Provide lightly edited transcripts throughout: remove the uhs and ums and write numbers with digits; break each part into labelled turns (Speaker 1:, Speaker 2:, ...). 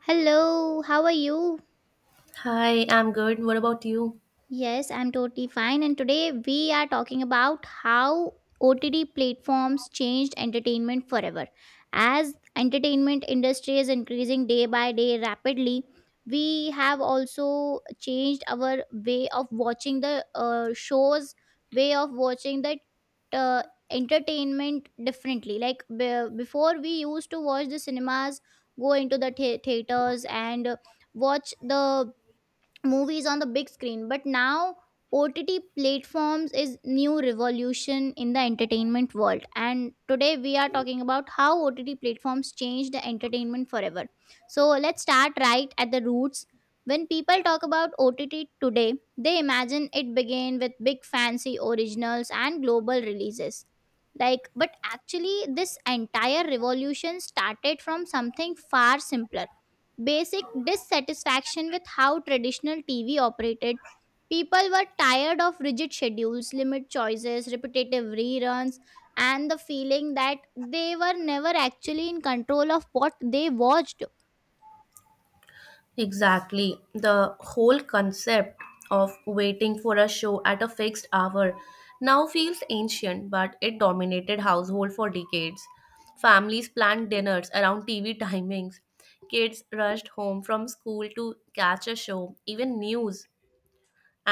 Speaker 1: Hello, how are you?
Speaker 2: Hi, I'm good. What about you?
Speaker 1: Yes, I'm totally fine. And today we are talking about how OTT platforms changed entertainment forever. As entertainment industry is increasing day by day rapidly, we have also changed our way of watching the shows, way of watching the uh, entertainment differently. Like before, we used to watch the cinemas, go into the theaters, and watch the movies on the big screen, but now OTT platforms is new revolution in the entertainment world. And today we are talking about how OTT platforms change the entertainment forever. So let's start right at the roots. When people talk about OTT today, they imagine it began with big fancy originals and global releases. Like, but actually this entire revolution started from something far simpler: basic dissatisfaction with how traditional TV operated. People were tired of rigid schedules, limit choices, repetitive reruns, and the feeling that they were never actually in control of what they watched.
Speaker 2: Exactly. The whole concept of waiting for a show at a fixed hour now feels ancient, but it dominated household for decades. Families planned dinners around TV timings. Kids rushed home from school to catch a show. Even news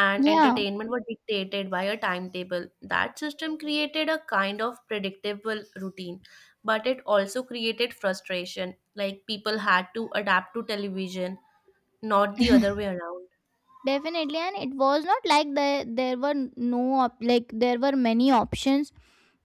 Speaker 2: and
Speaker 1: Yeah,
Speaker 2: entertainment were dictated by a timetable. That system created a kind of predictable routine, but it also created frustration. Like people had to adapt to television, not the other way around.
Speaker 1: definitely. And it was not like there were no, like, there were many options.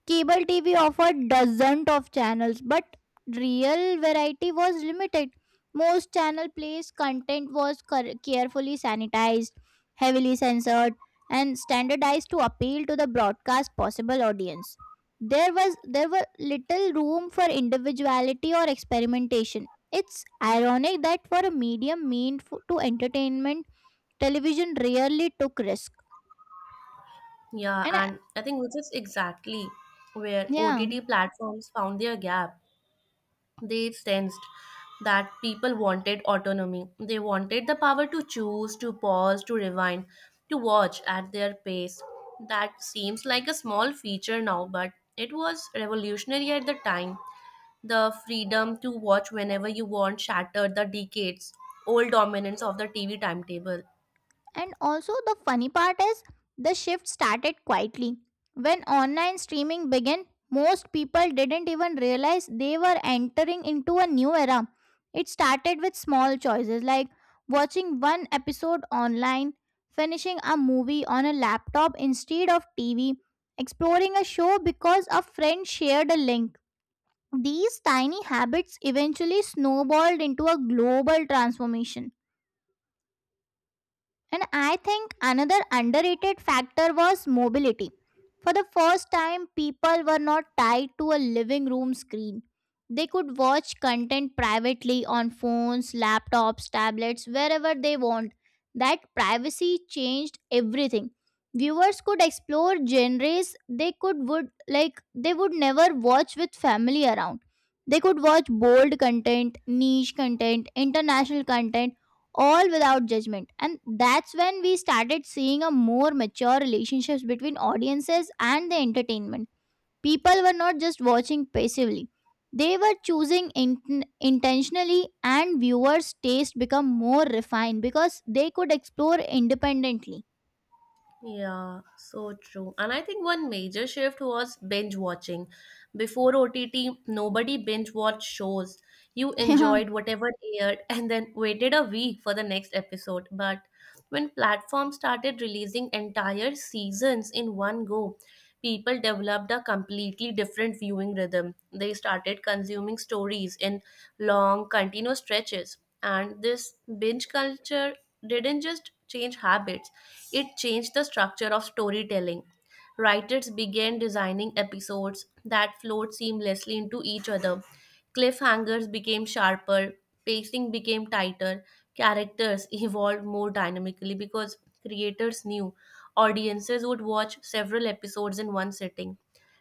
Speaker 1: Cable TV offered dozens of channels, but real variety was limited. Most channel plays content was carefully sanitized, heavily censored, and standardized to appeal to the broadcast possible audience. There were little room for individuality or experimentation. It's ironic that for a medium meant to entertainment, television rarely took risk.
Speaker 2: Yeah,
Speaker 1: And I-
Speaker 2: and I think which is exactly where
Speaker 1: yeah.
Speaker 2: OTT platforms found their gap. They sensed that people wanted autonomy. They wanted the power to choose, to pause, to rewind, to watch at their pace. That seems like a small feature now, but it was revolutionary at the time. The freedom to watch whenever you want shattered the decades old dominance of the TV timetable.
Speaker 1: And also, the funny part is the shift started quietly. When online streaming began, most people didn't even realize they were entering into a new era. It started with small choices like watching one episode online, finishing a movie on a laptop instead of TV, exploring a show because a friend shared a link. These tiny habits eventually snowballed into a global transformation. And I think another underrated factor was mobility. For the first time, people were not tied to a living room screen. They could watch content privately on phones, laptops, tablets, wherever they want. That privacy changed everything. Viewers could explore genres they would never watch with family around. They could watch bold content, niche content, international content, all without judgment. And that's when we started seeing a more mature relationships between audiences and the entertainment. People were not just watching passively, they were choosing intentionally, and viewers taste become more refined because they could explore independently.
Speaker 2: Yeah, so true. And I think one major shift was binge watching. Before OTT, nobody binge watched shows. You
Speaker 1: yeah
Speaker 2: enjoyed whatever aired and then waited a week for the next episode. But when platforms started releasing entire seasons in one go, people developed a completely different viewing rhythm. They started consuming stories in long, continuous stretches. And this binge culture didn't just change habits, it changed the structure of storytelling. Writers began designing episodes that flowed seamlessly into each other. Cliffhangers became sharper, pacing became tighter, characters evolved more dynamically because creators knew audiences would watch several episodes in one sitting.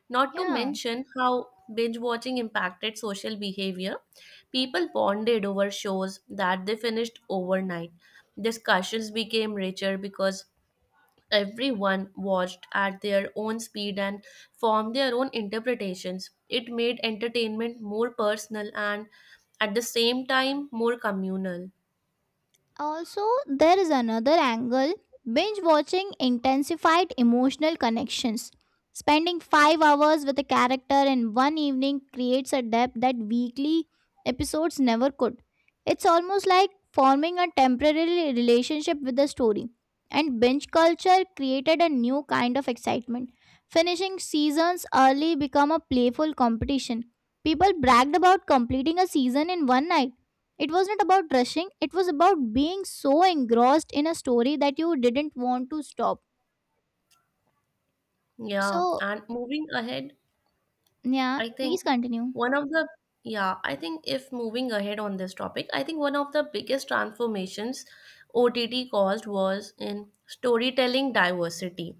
Speaker 2: Not to
Speaker 1: yeah
Speaker 2: mention how binge watching impacted social behavior. People bonded over shows that they finished overnight. Discussions became richer because everyone watched at their own speed and formed their own interpretations. It made entertainment more personal and at the same time more communal.
Speaker 1: Also, there is another angle: binge watching intensified emotional connections. Spending 5 hours with a character in one evening creates a depth that weekly episodes never could. It's almost like forming a temporary relationship with the story. And binge culture created a new kind of excitement. Finishing seasons early become a playful competition. People bragged about completing a season in one night. It was not about rushing, it was about being so engrossed in a story that you didn't want to stop.
Speaker 2: Yeah,
Speaker 1: So,
Speaker 2: and moving ahead,
Speaker 1: yeah,
Speaker 2: I think
Speaker 1: please continue.
Speaker 2: one of the yeah, I think if moving ahead on this topic, I think one of the biggest transformations OTT caused was in storytelling diversity.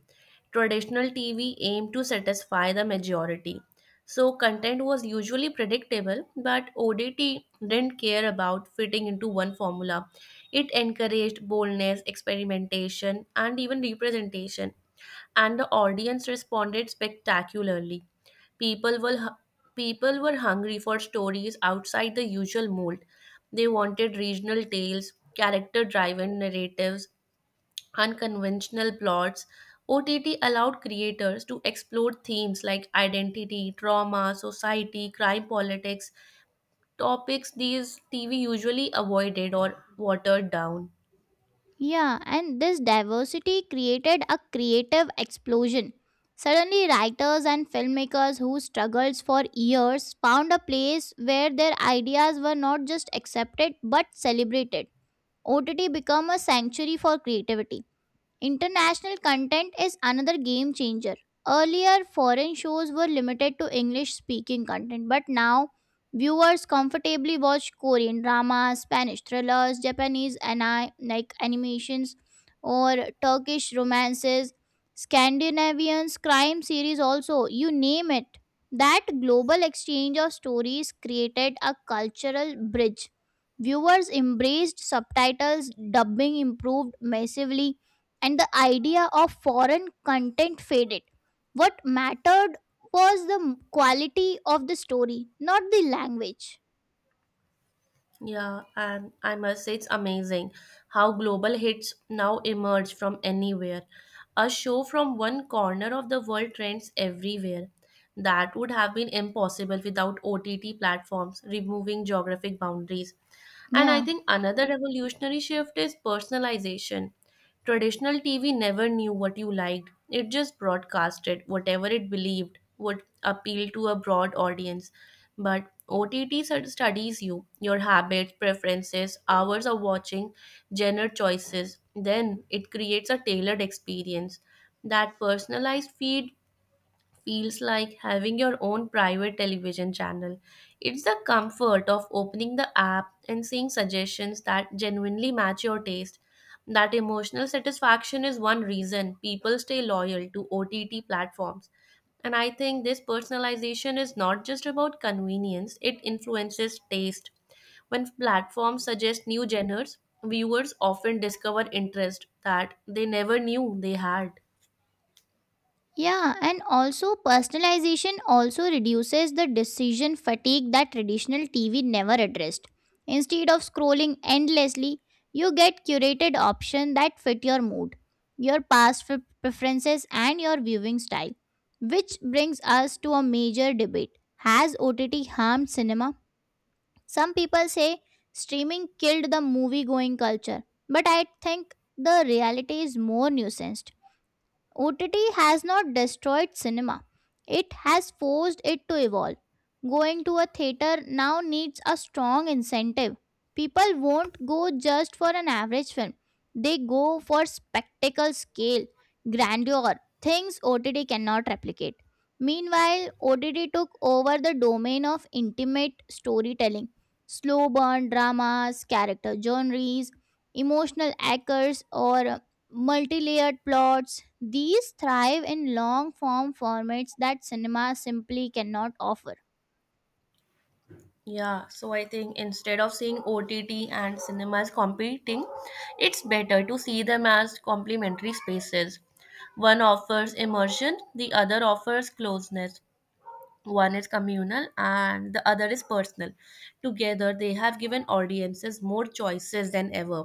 Speaker 2: Traditional TV aimed to satisfy the majority. So content was usually predictable, but ODT didn't care about fitting into one formula. It encouraged boldness, experimentation, and even representation, and the audience responded spectacularly. People were hu- People were hungry for stories outside the usual mold. They wanted regional tales, character-driven narratives, unconventional plots. OTT allowed creators to explore themes like identity, trauma, society, crime, politics, topics these TV usually avoided or watered down.
Speaker 1: Yeah, and this diversity created a creative explosion. Suddenly, writers and filmmakers who struggled for years found a place where their ideas were not just accepted but celebrated. OTT became a sanctuary for creativity. International content is another game changer. Earlier, foreign shows were limited to English speaking content, but now viewers comfortably watch Korean dramas, Spanish thrillers, Japanese like animations, or Turkish romances, Scandinavians, crime series, also you name it. That global exchange of stories created a cultural bridge. Viewers embraced subtitles, dubbing improved massively, and the idea of foreign content faded. What mattered was the quality of the story, not the language.
Speaker 2: Yeah, and I must say it's amazing how global hits now emerge from anywhere. A show from one corner of the world trends everywhere. That would have been impossible without OTT platforms removing geographic boundaries. And I
Speaker 1: Yeah.
Speaker 2: think another revolutionary shift is personalization. Traditional TV never knew what you liked, it just broadcasted whatever it believed would appeal to a broad audience. But OTT studies you, your habits, preferences, hours of watching, genre choices. Then it creates a tailored experience. That personalized feed feels like having your own private television channel. It's the comfort of opening the app and seeing suggestions that genuinely match your taste. That emotional satisfaction is one reason people stay loyal to OTT platforms. And I think this personalization is not just about convenience, it influences taste. When platforms suggest new genres, viewers often discover interest that they never knew they had.
Speaker 1: Yeah, and also personalization also reduces the decision fatigue that traditional TV never addressed. Instead of scrolling endlessly, you get curated options that fit your mood, your past preferences, and your viewing style. Which brings us to a major debate. Has OTT harmed cinema? Some people say streaming killed the movie going culture, but I think the reality is more nuanced. OTT has not destroyed cinema. It has forced it to evolve. Going to a theater now needs a strong incentive. People won't go just for an average film. They go for spectacle scale, grandeur, things OTT cannot replicate. Meanwhile, OTT took over the domain of intimate storytelling. Slow burn dramas, character genres, emotional anchors, or multi-layered plots, these thrive in long form formats that cinema simply cannot offer.
Speaker 2: Yeah, so I think instead of seeing OTT and cinemas competing, it's better to see them as complementary spaces. One offers immersion, the other offers closeness. One is communal and the other is personal. Together, they have given audiences more choices than ever.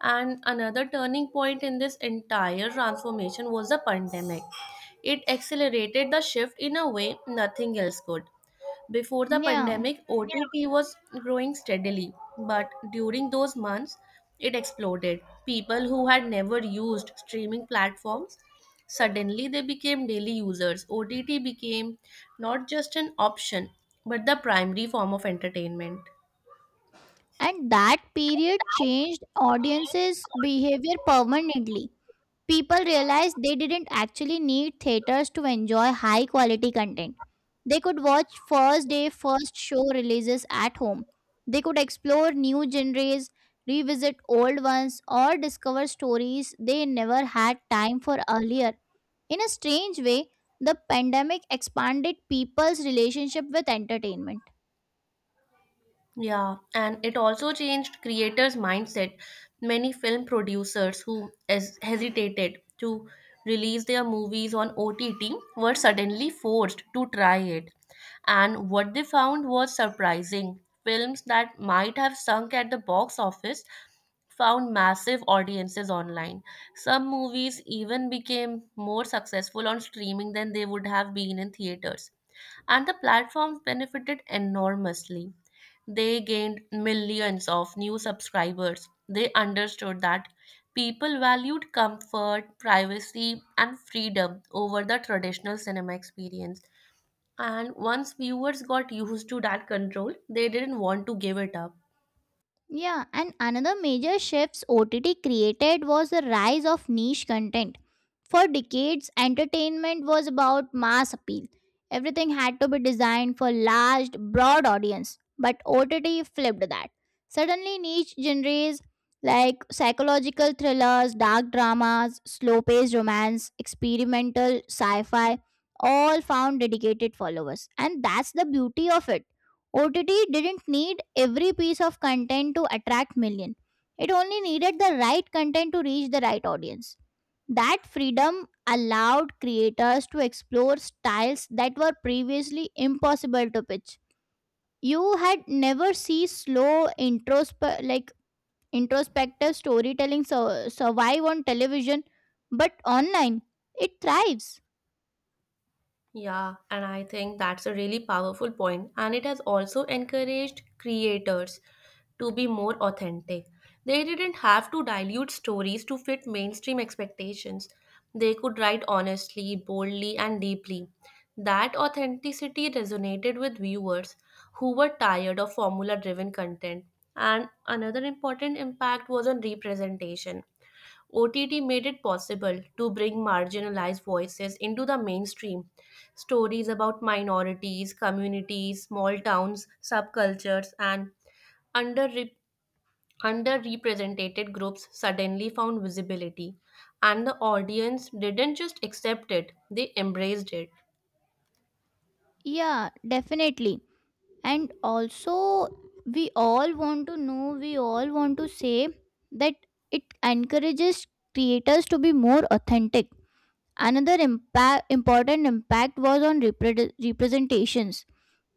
Speaker 2: And another turning point in this entire transformation was the pandemic. It accelerated the shift in a way nothing else could. Before the
Speaker 1: Yeah,
Speaker 2: pandemic, OTT was growing steadily, but during those months, it exploded. People who had never used streaming platforms. Suddenly, they became daily users. OTT became not just an option, but the primary form of entertainment.
Speaker 1: and that period changed audiences' behavior permanently. People realized they didn't actually need theaters to enjoy high quality content. They could watch first day, first show releases at home. They could explore new genres, revisit old ones, or discover stories they never had time for earlier. In a strange way, the pandemic expanded people's relationship with entertainment.
Speaker 2: Yeah, and it also changed creators' mindset. Many film producers who hesitated to release their movies on OTT were suddenly forced to try it. And what they found was surprising. Films that might have sunk at the box office found massive audiences online. Some movies even became more successful on streaming than they would have been in theaters and the platforms benefited enormously. They gained millions of new subscribers. They understood that people valued comfort, privacy, and freedom over the traditional cinema experience. And once viewers got used to that control, they didn't want to give it up.
Speaker 1: Yeah, and another major shifts OTT created was the rise of niche content. For decades, entertainment was about mass appeal. Everything had to be designed for large, broad audience, but OTT flipped that. Suddenly, niche genres like psychological thrillers, dark dramas, slow-paced romance, experimental sci-fi, all found dedicated followers. And that's the beauty of it. OTT didn't need every piece of content to attract millions. It only needed the right content to reach the right audience. That freedom allowed creators to explore styles that were previously impossible to pitch. You had never see slow like introspective storytelling survive on television, but online it thrives.
Speaker 2: Yeah, and I think that's a really powerful point. And it has also encouraged creators to be more authentic. They didn't have to dilute stories to fit mainstream expectations. They could write honestly, boldly, and deeply. That authenticity resonated with viewers who were tired of formula driven content. And another important impact was on representation. OTT made it possible to bring marginalized voices into the mainstream. Stories about minorities, communities, small towns, subcultures, and underre- underrepresented groups suddenly found visibility. And the audience didn't just accept it, they embraced it.
Speaker 1: Yeah, definitely, and also we all want to say that it encourages creators to be more authentic. Another important impact was on representations.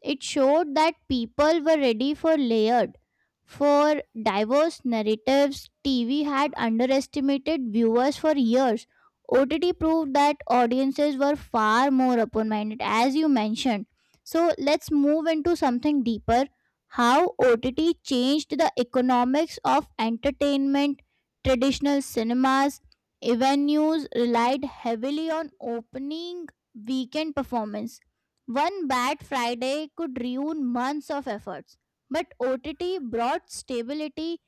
Speaker 1: It showed that people were ready for layered, for diverse narratives. TV had underestimated viewers for years. OTT proved that audiences were far more open minded, as you mentioned. So let's move into something deeper: how OTT changed the economics of entertainment. Traditional cinemas, venues relied heavily on opening weekend performance. One bad Friday could ruin months of efforts, but OTT brought stability.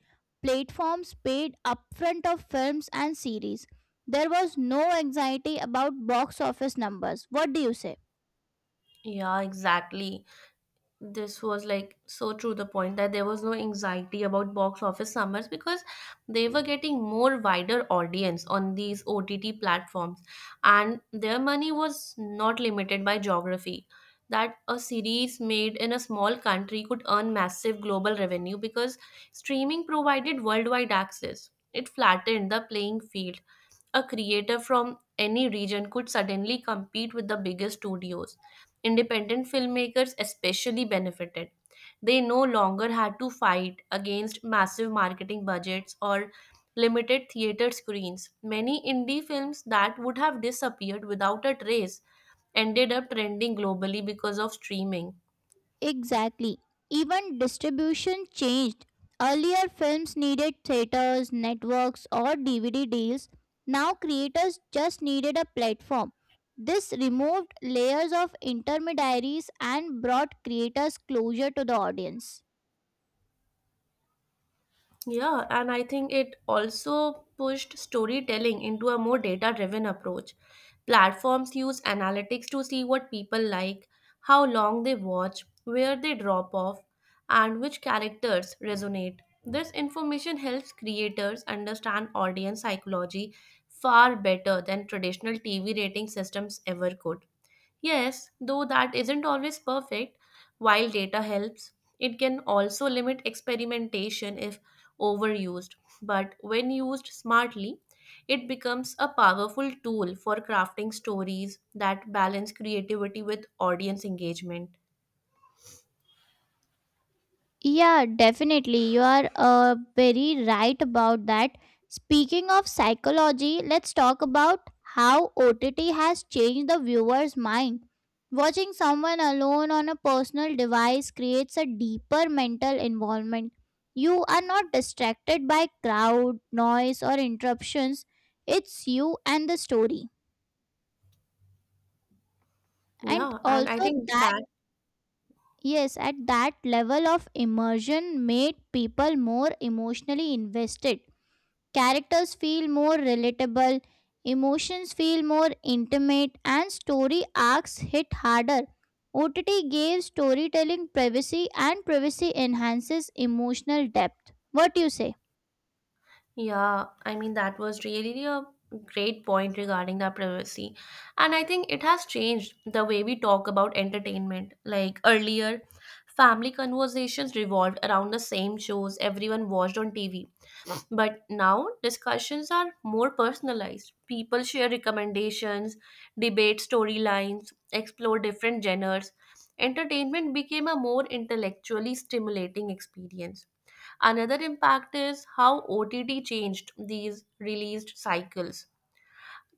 Speaker 1: Platforms paid upfront of films and series. There was no anxiety about box office numbers. What do you say?
Speaker 2: Yeah, exactly. This was like so true, the point that there was no anxiety about box office summers because they were getting more wider audience on these OTT platforms, and their money was not limited by geography, that a series made in a small country could earn massive global revenue because streaming provided worldwide access. It flattened the playing field. A creator from any region could suddenly compete with the biggest studios. Independent filmmakers especially benefited. They no longer had to fight against massive marketing budgets or limited theater screens. Many indie films that would have disappeared without a trace ended up trending globally because of streaming.
Speaker 1: Exactly. Even distribution changed. Earlier, films needed theaters, networks, or DVD deals. Now, creators just needed a platform. This removed layers of intermediaries and brought creators closer to the audience.
Speaker 2: Yeah, and I think it also pushed storytelling into a more data driven approach. Platforms use analytics to see what people like, how long they watch, where they drop off, and which characters resonate. This information helps creators understand audience psychology far better than traditional TV rating systems ever could. Yes, though that isn't always perfect, while data helps, it can also limit experimentation if overused. But when used smartly, it becomes a powerful tool for crafting stories that balance creativity with audience engagement.
Speaker 1: Yeah, definitely. You are very right about that. Speaking of psychology, let's talk about how OTT has changed the viewer's mind. Watching someone alone on a personal device creates a deeper mental involvement. You are not distracted by crowd, noise, or interruptions. It's you and the story. And
Speaker 2: Yeah, and I
Speaker 1: also,
Speaker 2: think that.
Speaker 1: yes, at that level of immersion made people more emotionally invested. Characters feel more relatable, emotions feel more intimate, and story arcs hit harder. OTT gave storytelling privacy, and privacy enhances emotional depth. What do you say?
Speaker 2: Yeah, I mean, that was really a great point regarding the privacy. And I think it has changed the way we talk about entertainment. Like earlier, family conversations revolved around the same shows everyone watched on TV. But now discussions are more personalized. People share recommendations, debate storylines, explore different genres. Entertainment became a more intellectually stimulating experience. Another impact is how OTT changed these released cycles.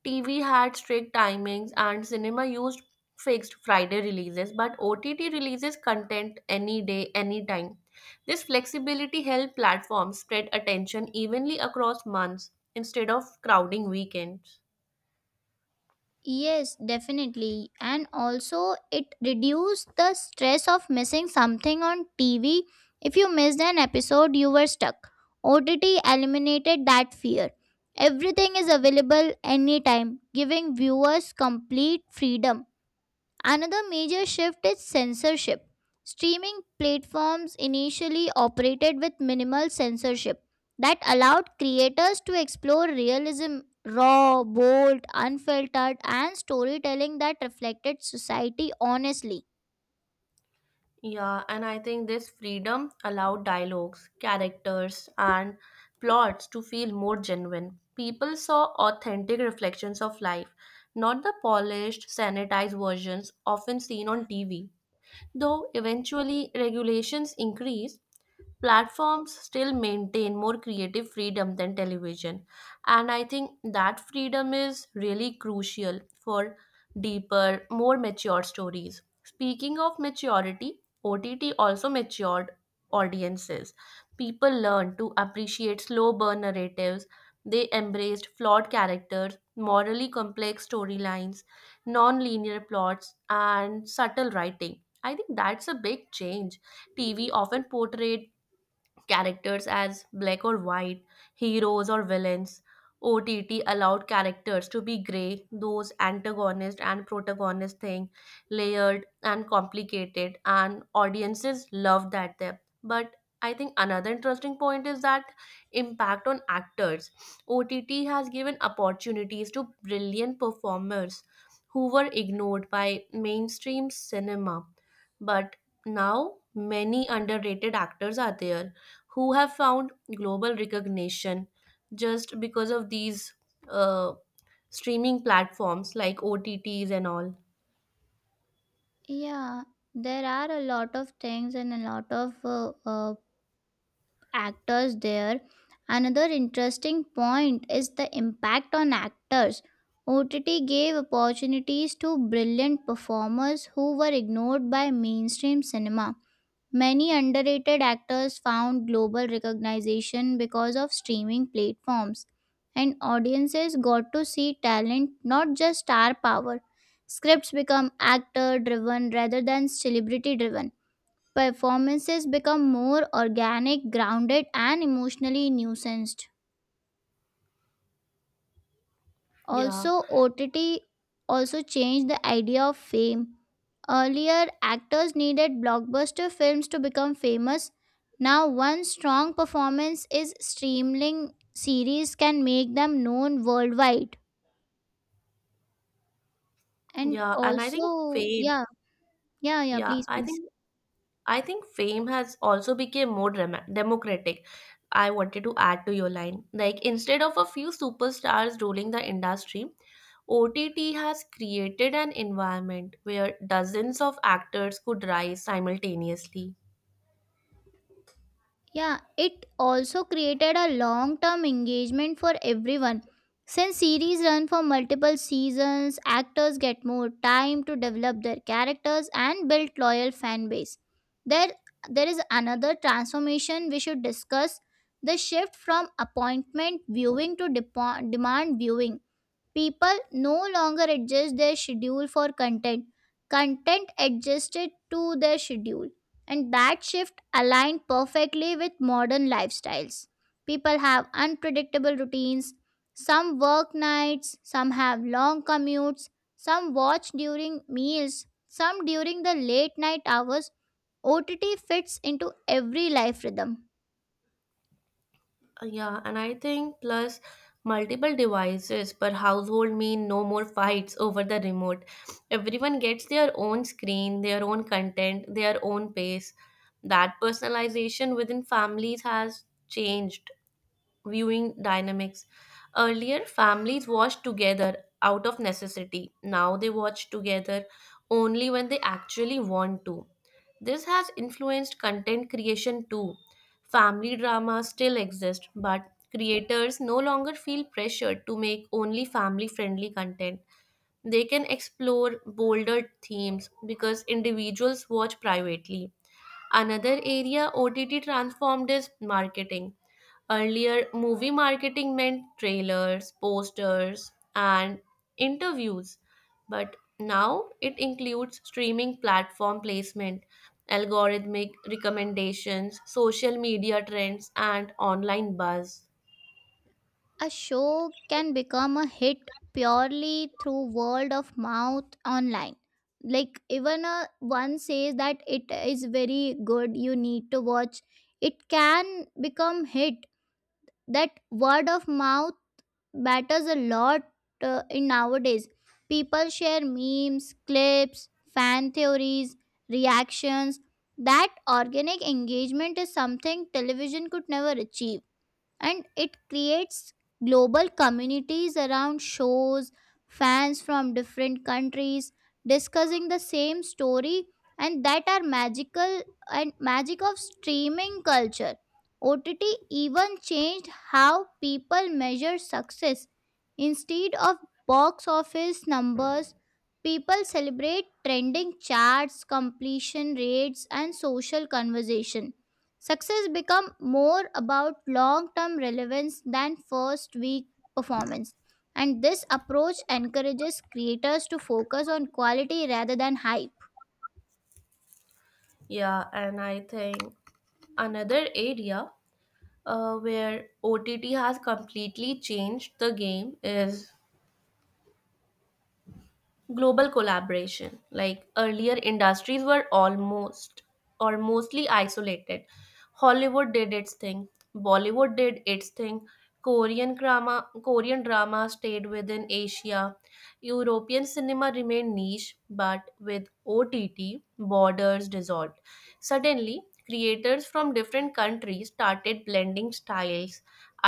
Speaker 2: TV had strict timings and cinema used fixed Friday releases, but OTT releases content any day, anytime. This flexibility helped platforms spread attention evenly across months instead of crowding weekends.
Speaker 1: Yes, definitely. And also, it reduced the stress of missing something on TV. If you missed an episode, you were stuck. OTT eliminated that fear. Everything is available anytime, giving viewers complete freedom. Another major shift is censorship. Streaming platforms initially operated with minimal censorship that allowed creators to explore realism, raw, bold, unfiltered, and storytelling that reflected society honestly.
Speaker 2: Yeah, and I think this freedom allowed dialogues, characters, and plots to feel more genuine. People saw authentic reflections of life, not the polished, sanitized versions often seen on TV. Though eventually regulations increased, platforms still maintain more creative freedom than television. And I think that freedom is really crucial for deeper, more mature stories. Speaking of maturity, OTT also matured audiences. People learned to appreciate slow burn narratives. They embraced flawed characters, morally complex storylines, non linear plots, and subtle writing. I think that's a big change. TV often portrayed characters as black or white, heroes or villains. OTT allowed characters to be grey, those antagonist and protagonist thing, layered and complicated, and audiences loved that depth. But I think another interesting point is that impact on actors. OTT has given opportunities to brilliant performers who were ignored by mainstream cinema. But now many underrated actors are there who have found global recognition just because of these uh, streaming platforms like OTTs and all.
Speaker 1: Yeah, there are a lot of things and a lot of actors there. Another interesting point is the impact on actors. OTT gave opportunities to brilliant performers who were ignored by mainstream cinema. Many underrated actors found global recognition because of streaming platforms, and audiences got to see talent, not just star power. Scripts become actor driven rather than celebrity driven. Performances become more organic, grounded, and emotionally nuanced.
Speaker 2: Yeah,
Speaker 1: Also, OTT also changed the idea of fame. Earlier, actors needed blockbuster films to become famous. Now, one strong performance is streaming series can make them known worldwide. And
Speaker 2: yeah, and I think
Speaker 1: also,
Speaker 2: fame.
Speaker 1: yeah, yeah, yeah,
Speaker 2: Yeah,
Speaker 1: please, please.
Speaker 2: I think fame has also become more democratic. I wanted to add to your line. Like instead of a few superstars ruling the industry, OTT has created an environment where dozens of actors could rise simultaneously.
Speaker 1: Yeah, it also created a long term engagement for everyone. Since series run for multiple seasons, actors get more time to develop their characters and build loyal fan base. There there is another transformation we should discuss: the shift from appointment viewing to demand viewing. People no longer adjust their schedule for content. Content adjusted to their schedule. And that shift aligned perfectly with modern lifestyles. People have unpredictable routines. Some work nights, some have long commutes, some watch during meals, some during the late night hours. OTT fits into every life rhythm.
Speaker 2: Yeah, and I think plus multiple devices per household mean no more fights over the remote. Everyone gets their own screen, their own content, their own pace. That personalization within families has changed viewing dynamics. Earlier, families watched together out of necessity. Now they watch together only when they actually want to. This has influenced content creation too. Family dramas still exist, but creators no longer feel pressured to make only family friendly content. They can explore bolder themes because individuals watch privately. Another area OTT transformed is marketing. Earlier, movie marketing meant trailers, posters, and interviews, but now it includes streaming platform placement, algorithmic recommendations, social media trends, and online buzz.
Speaker 1: A show can become a hit purely through word of mouth online. Like even a one says that it is very good, you need to watch. It can become hit. That word of mouth matters a lot in nowadays. People share memes, clips, fan theories, reactions. That organic engagement is something television could never achieve, and it creates global communities around shows, fans from different countries discussing the same story, and that are magical and magic of streaming culture. OTT even changed how people measure success. Instead of box office numbers, people celebrate trending charts, completion rates, and social conversation. Success become more about long-term relevance than first week performance. And this approach encourages creators to focus on quality rather than hype.
Speaker 2: Yeah, and I think another area where OTT has completely changed the game is global collaboration. Like earlier, industries were almost or mostly isolated. Hollywood did its thing, Bollywood did its thing, Korean drama stayed within Asia, European cinema remained niche, but with OTT, borders dissolved. Suddenly, creators from different countries started blending styles,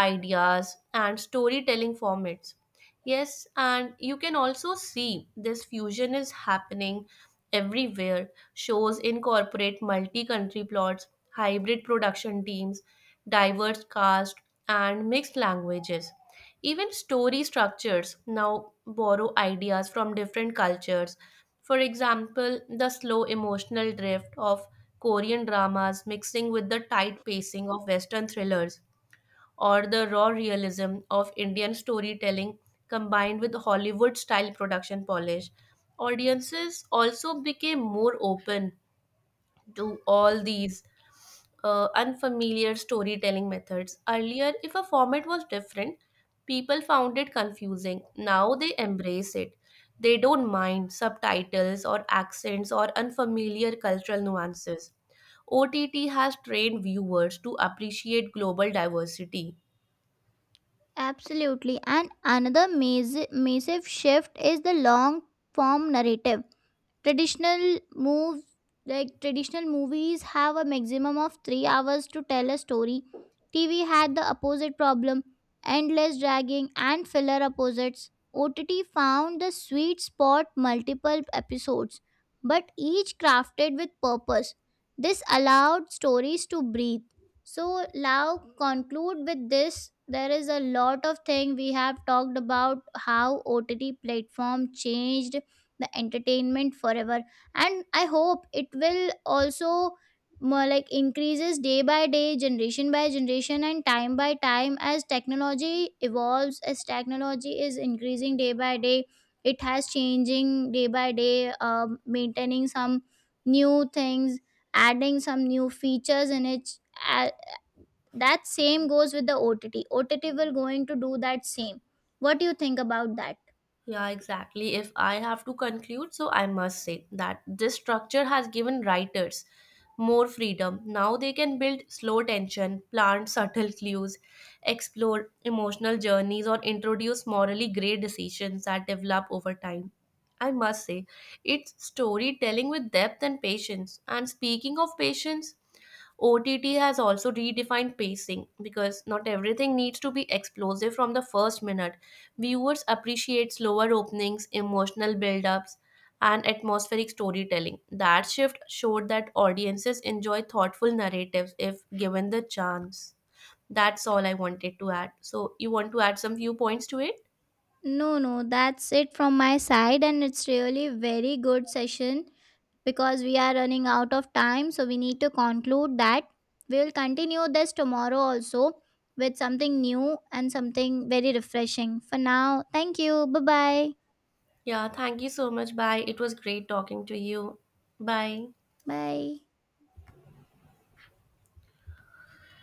Speaker 2: ideas, and storytelling formats. Yes, and you can also see this fusion is happening everywhere. Shows incorporate multi country plots, hybrid production teams, diverse cast, and mixed languages. Even story structures now borrow ideas from different cultures. For example, the slow emotional drift of Korean dramas mixing with the tight pacing of Western thrillers, or the raw realism of Indian storytelling combined with Hollywood style production polish. Audiences also became more open to all these unfamiliar storytelling methods. Earlier, if a format was different, people found it confusing. Now they embrace it. They don't mind subtitles or accents or unfamiliar cultural nuances. OTT has trained viewers to appreciate global diversity.
Speaker 1: Absolutely. And another massive shift is the long form narrative. Traditional moves like traditional movies have a maximum of 3 hours to tell a story. TV had the opposite problem: endless dragging and filler opposites. OTT found the sweet spot: multiple episodes, but each crafted with purpose. This allowed stories to breathe. So now, conclude with this: there is a lot of thing we have talked about how OTT platform changed the entertainment forever. And I hope it will also more like increases day by day, generation by generation, and time by time, as technology evolves, as technology is increasing day by day. It has changing day by day, maintaining some new things, adding some new features in it. uh, that same goes with the OTT. OTT will going to do that same. What do you think about that?
Speaker 2: Yeah, exactly. If I have to conclude, so I must say that this structure has given writers more freedom. Now they can build slow tension, plant subtle clues, explore emotional journeys, or introduce morally gray decisions that develop over time. I must say, it's storytelling with depth and patience. And speaking of patience, OTT has also redefined pacing because not everything needs to be explosive from the first minute. Viewers appreciate slower openings, emotional build-ups, and atmospheric storytelling. That shift showed that audiences enjoy thoughtful narratives if given the chance. That's all I wanted to add. So, you want to add some viewpoints to it?
Speaker 1: No, no, that's it from my side, and it's really very good session because we are running out of time, so we need to conclude that we'll continue this tomorrow also with something new and something very refreshing. For now, thank you. Bye bye.
Speaker 2: Yeah, thank you so much. Bye. It was great talking to you. Bye.
Speaker 1: Bye.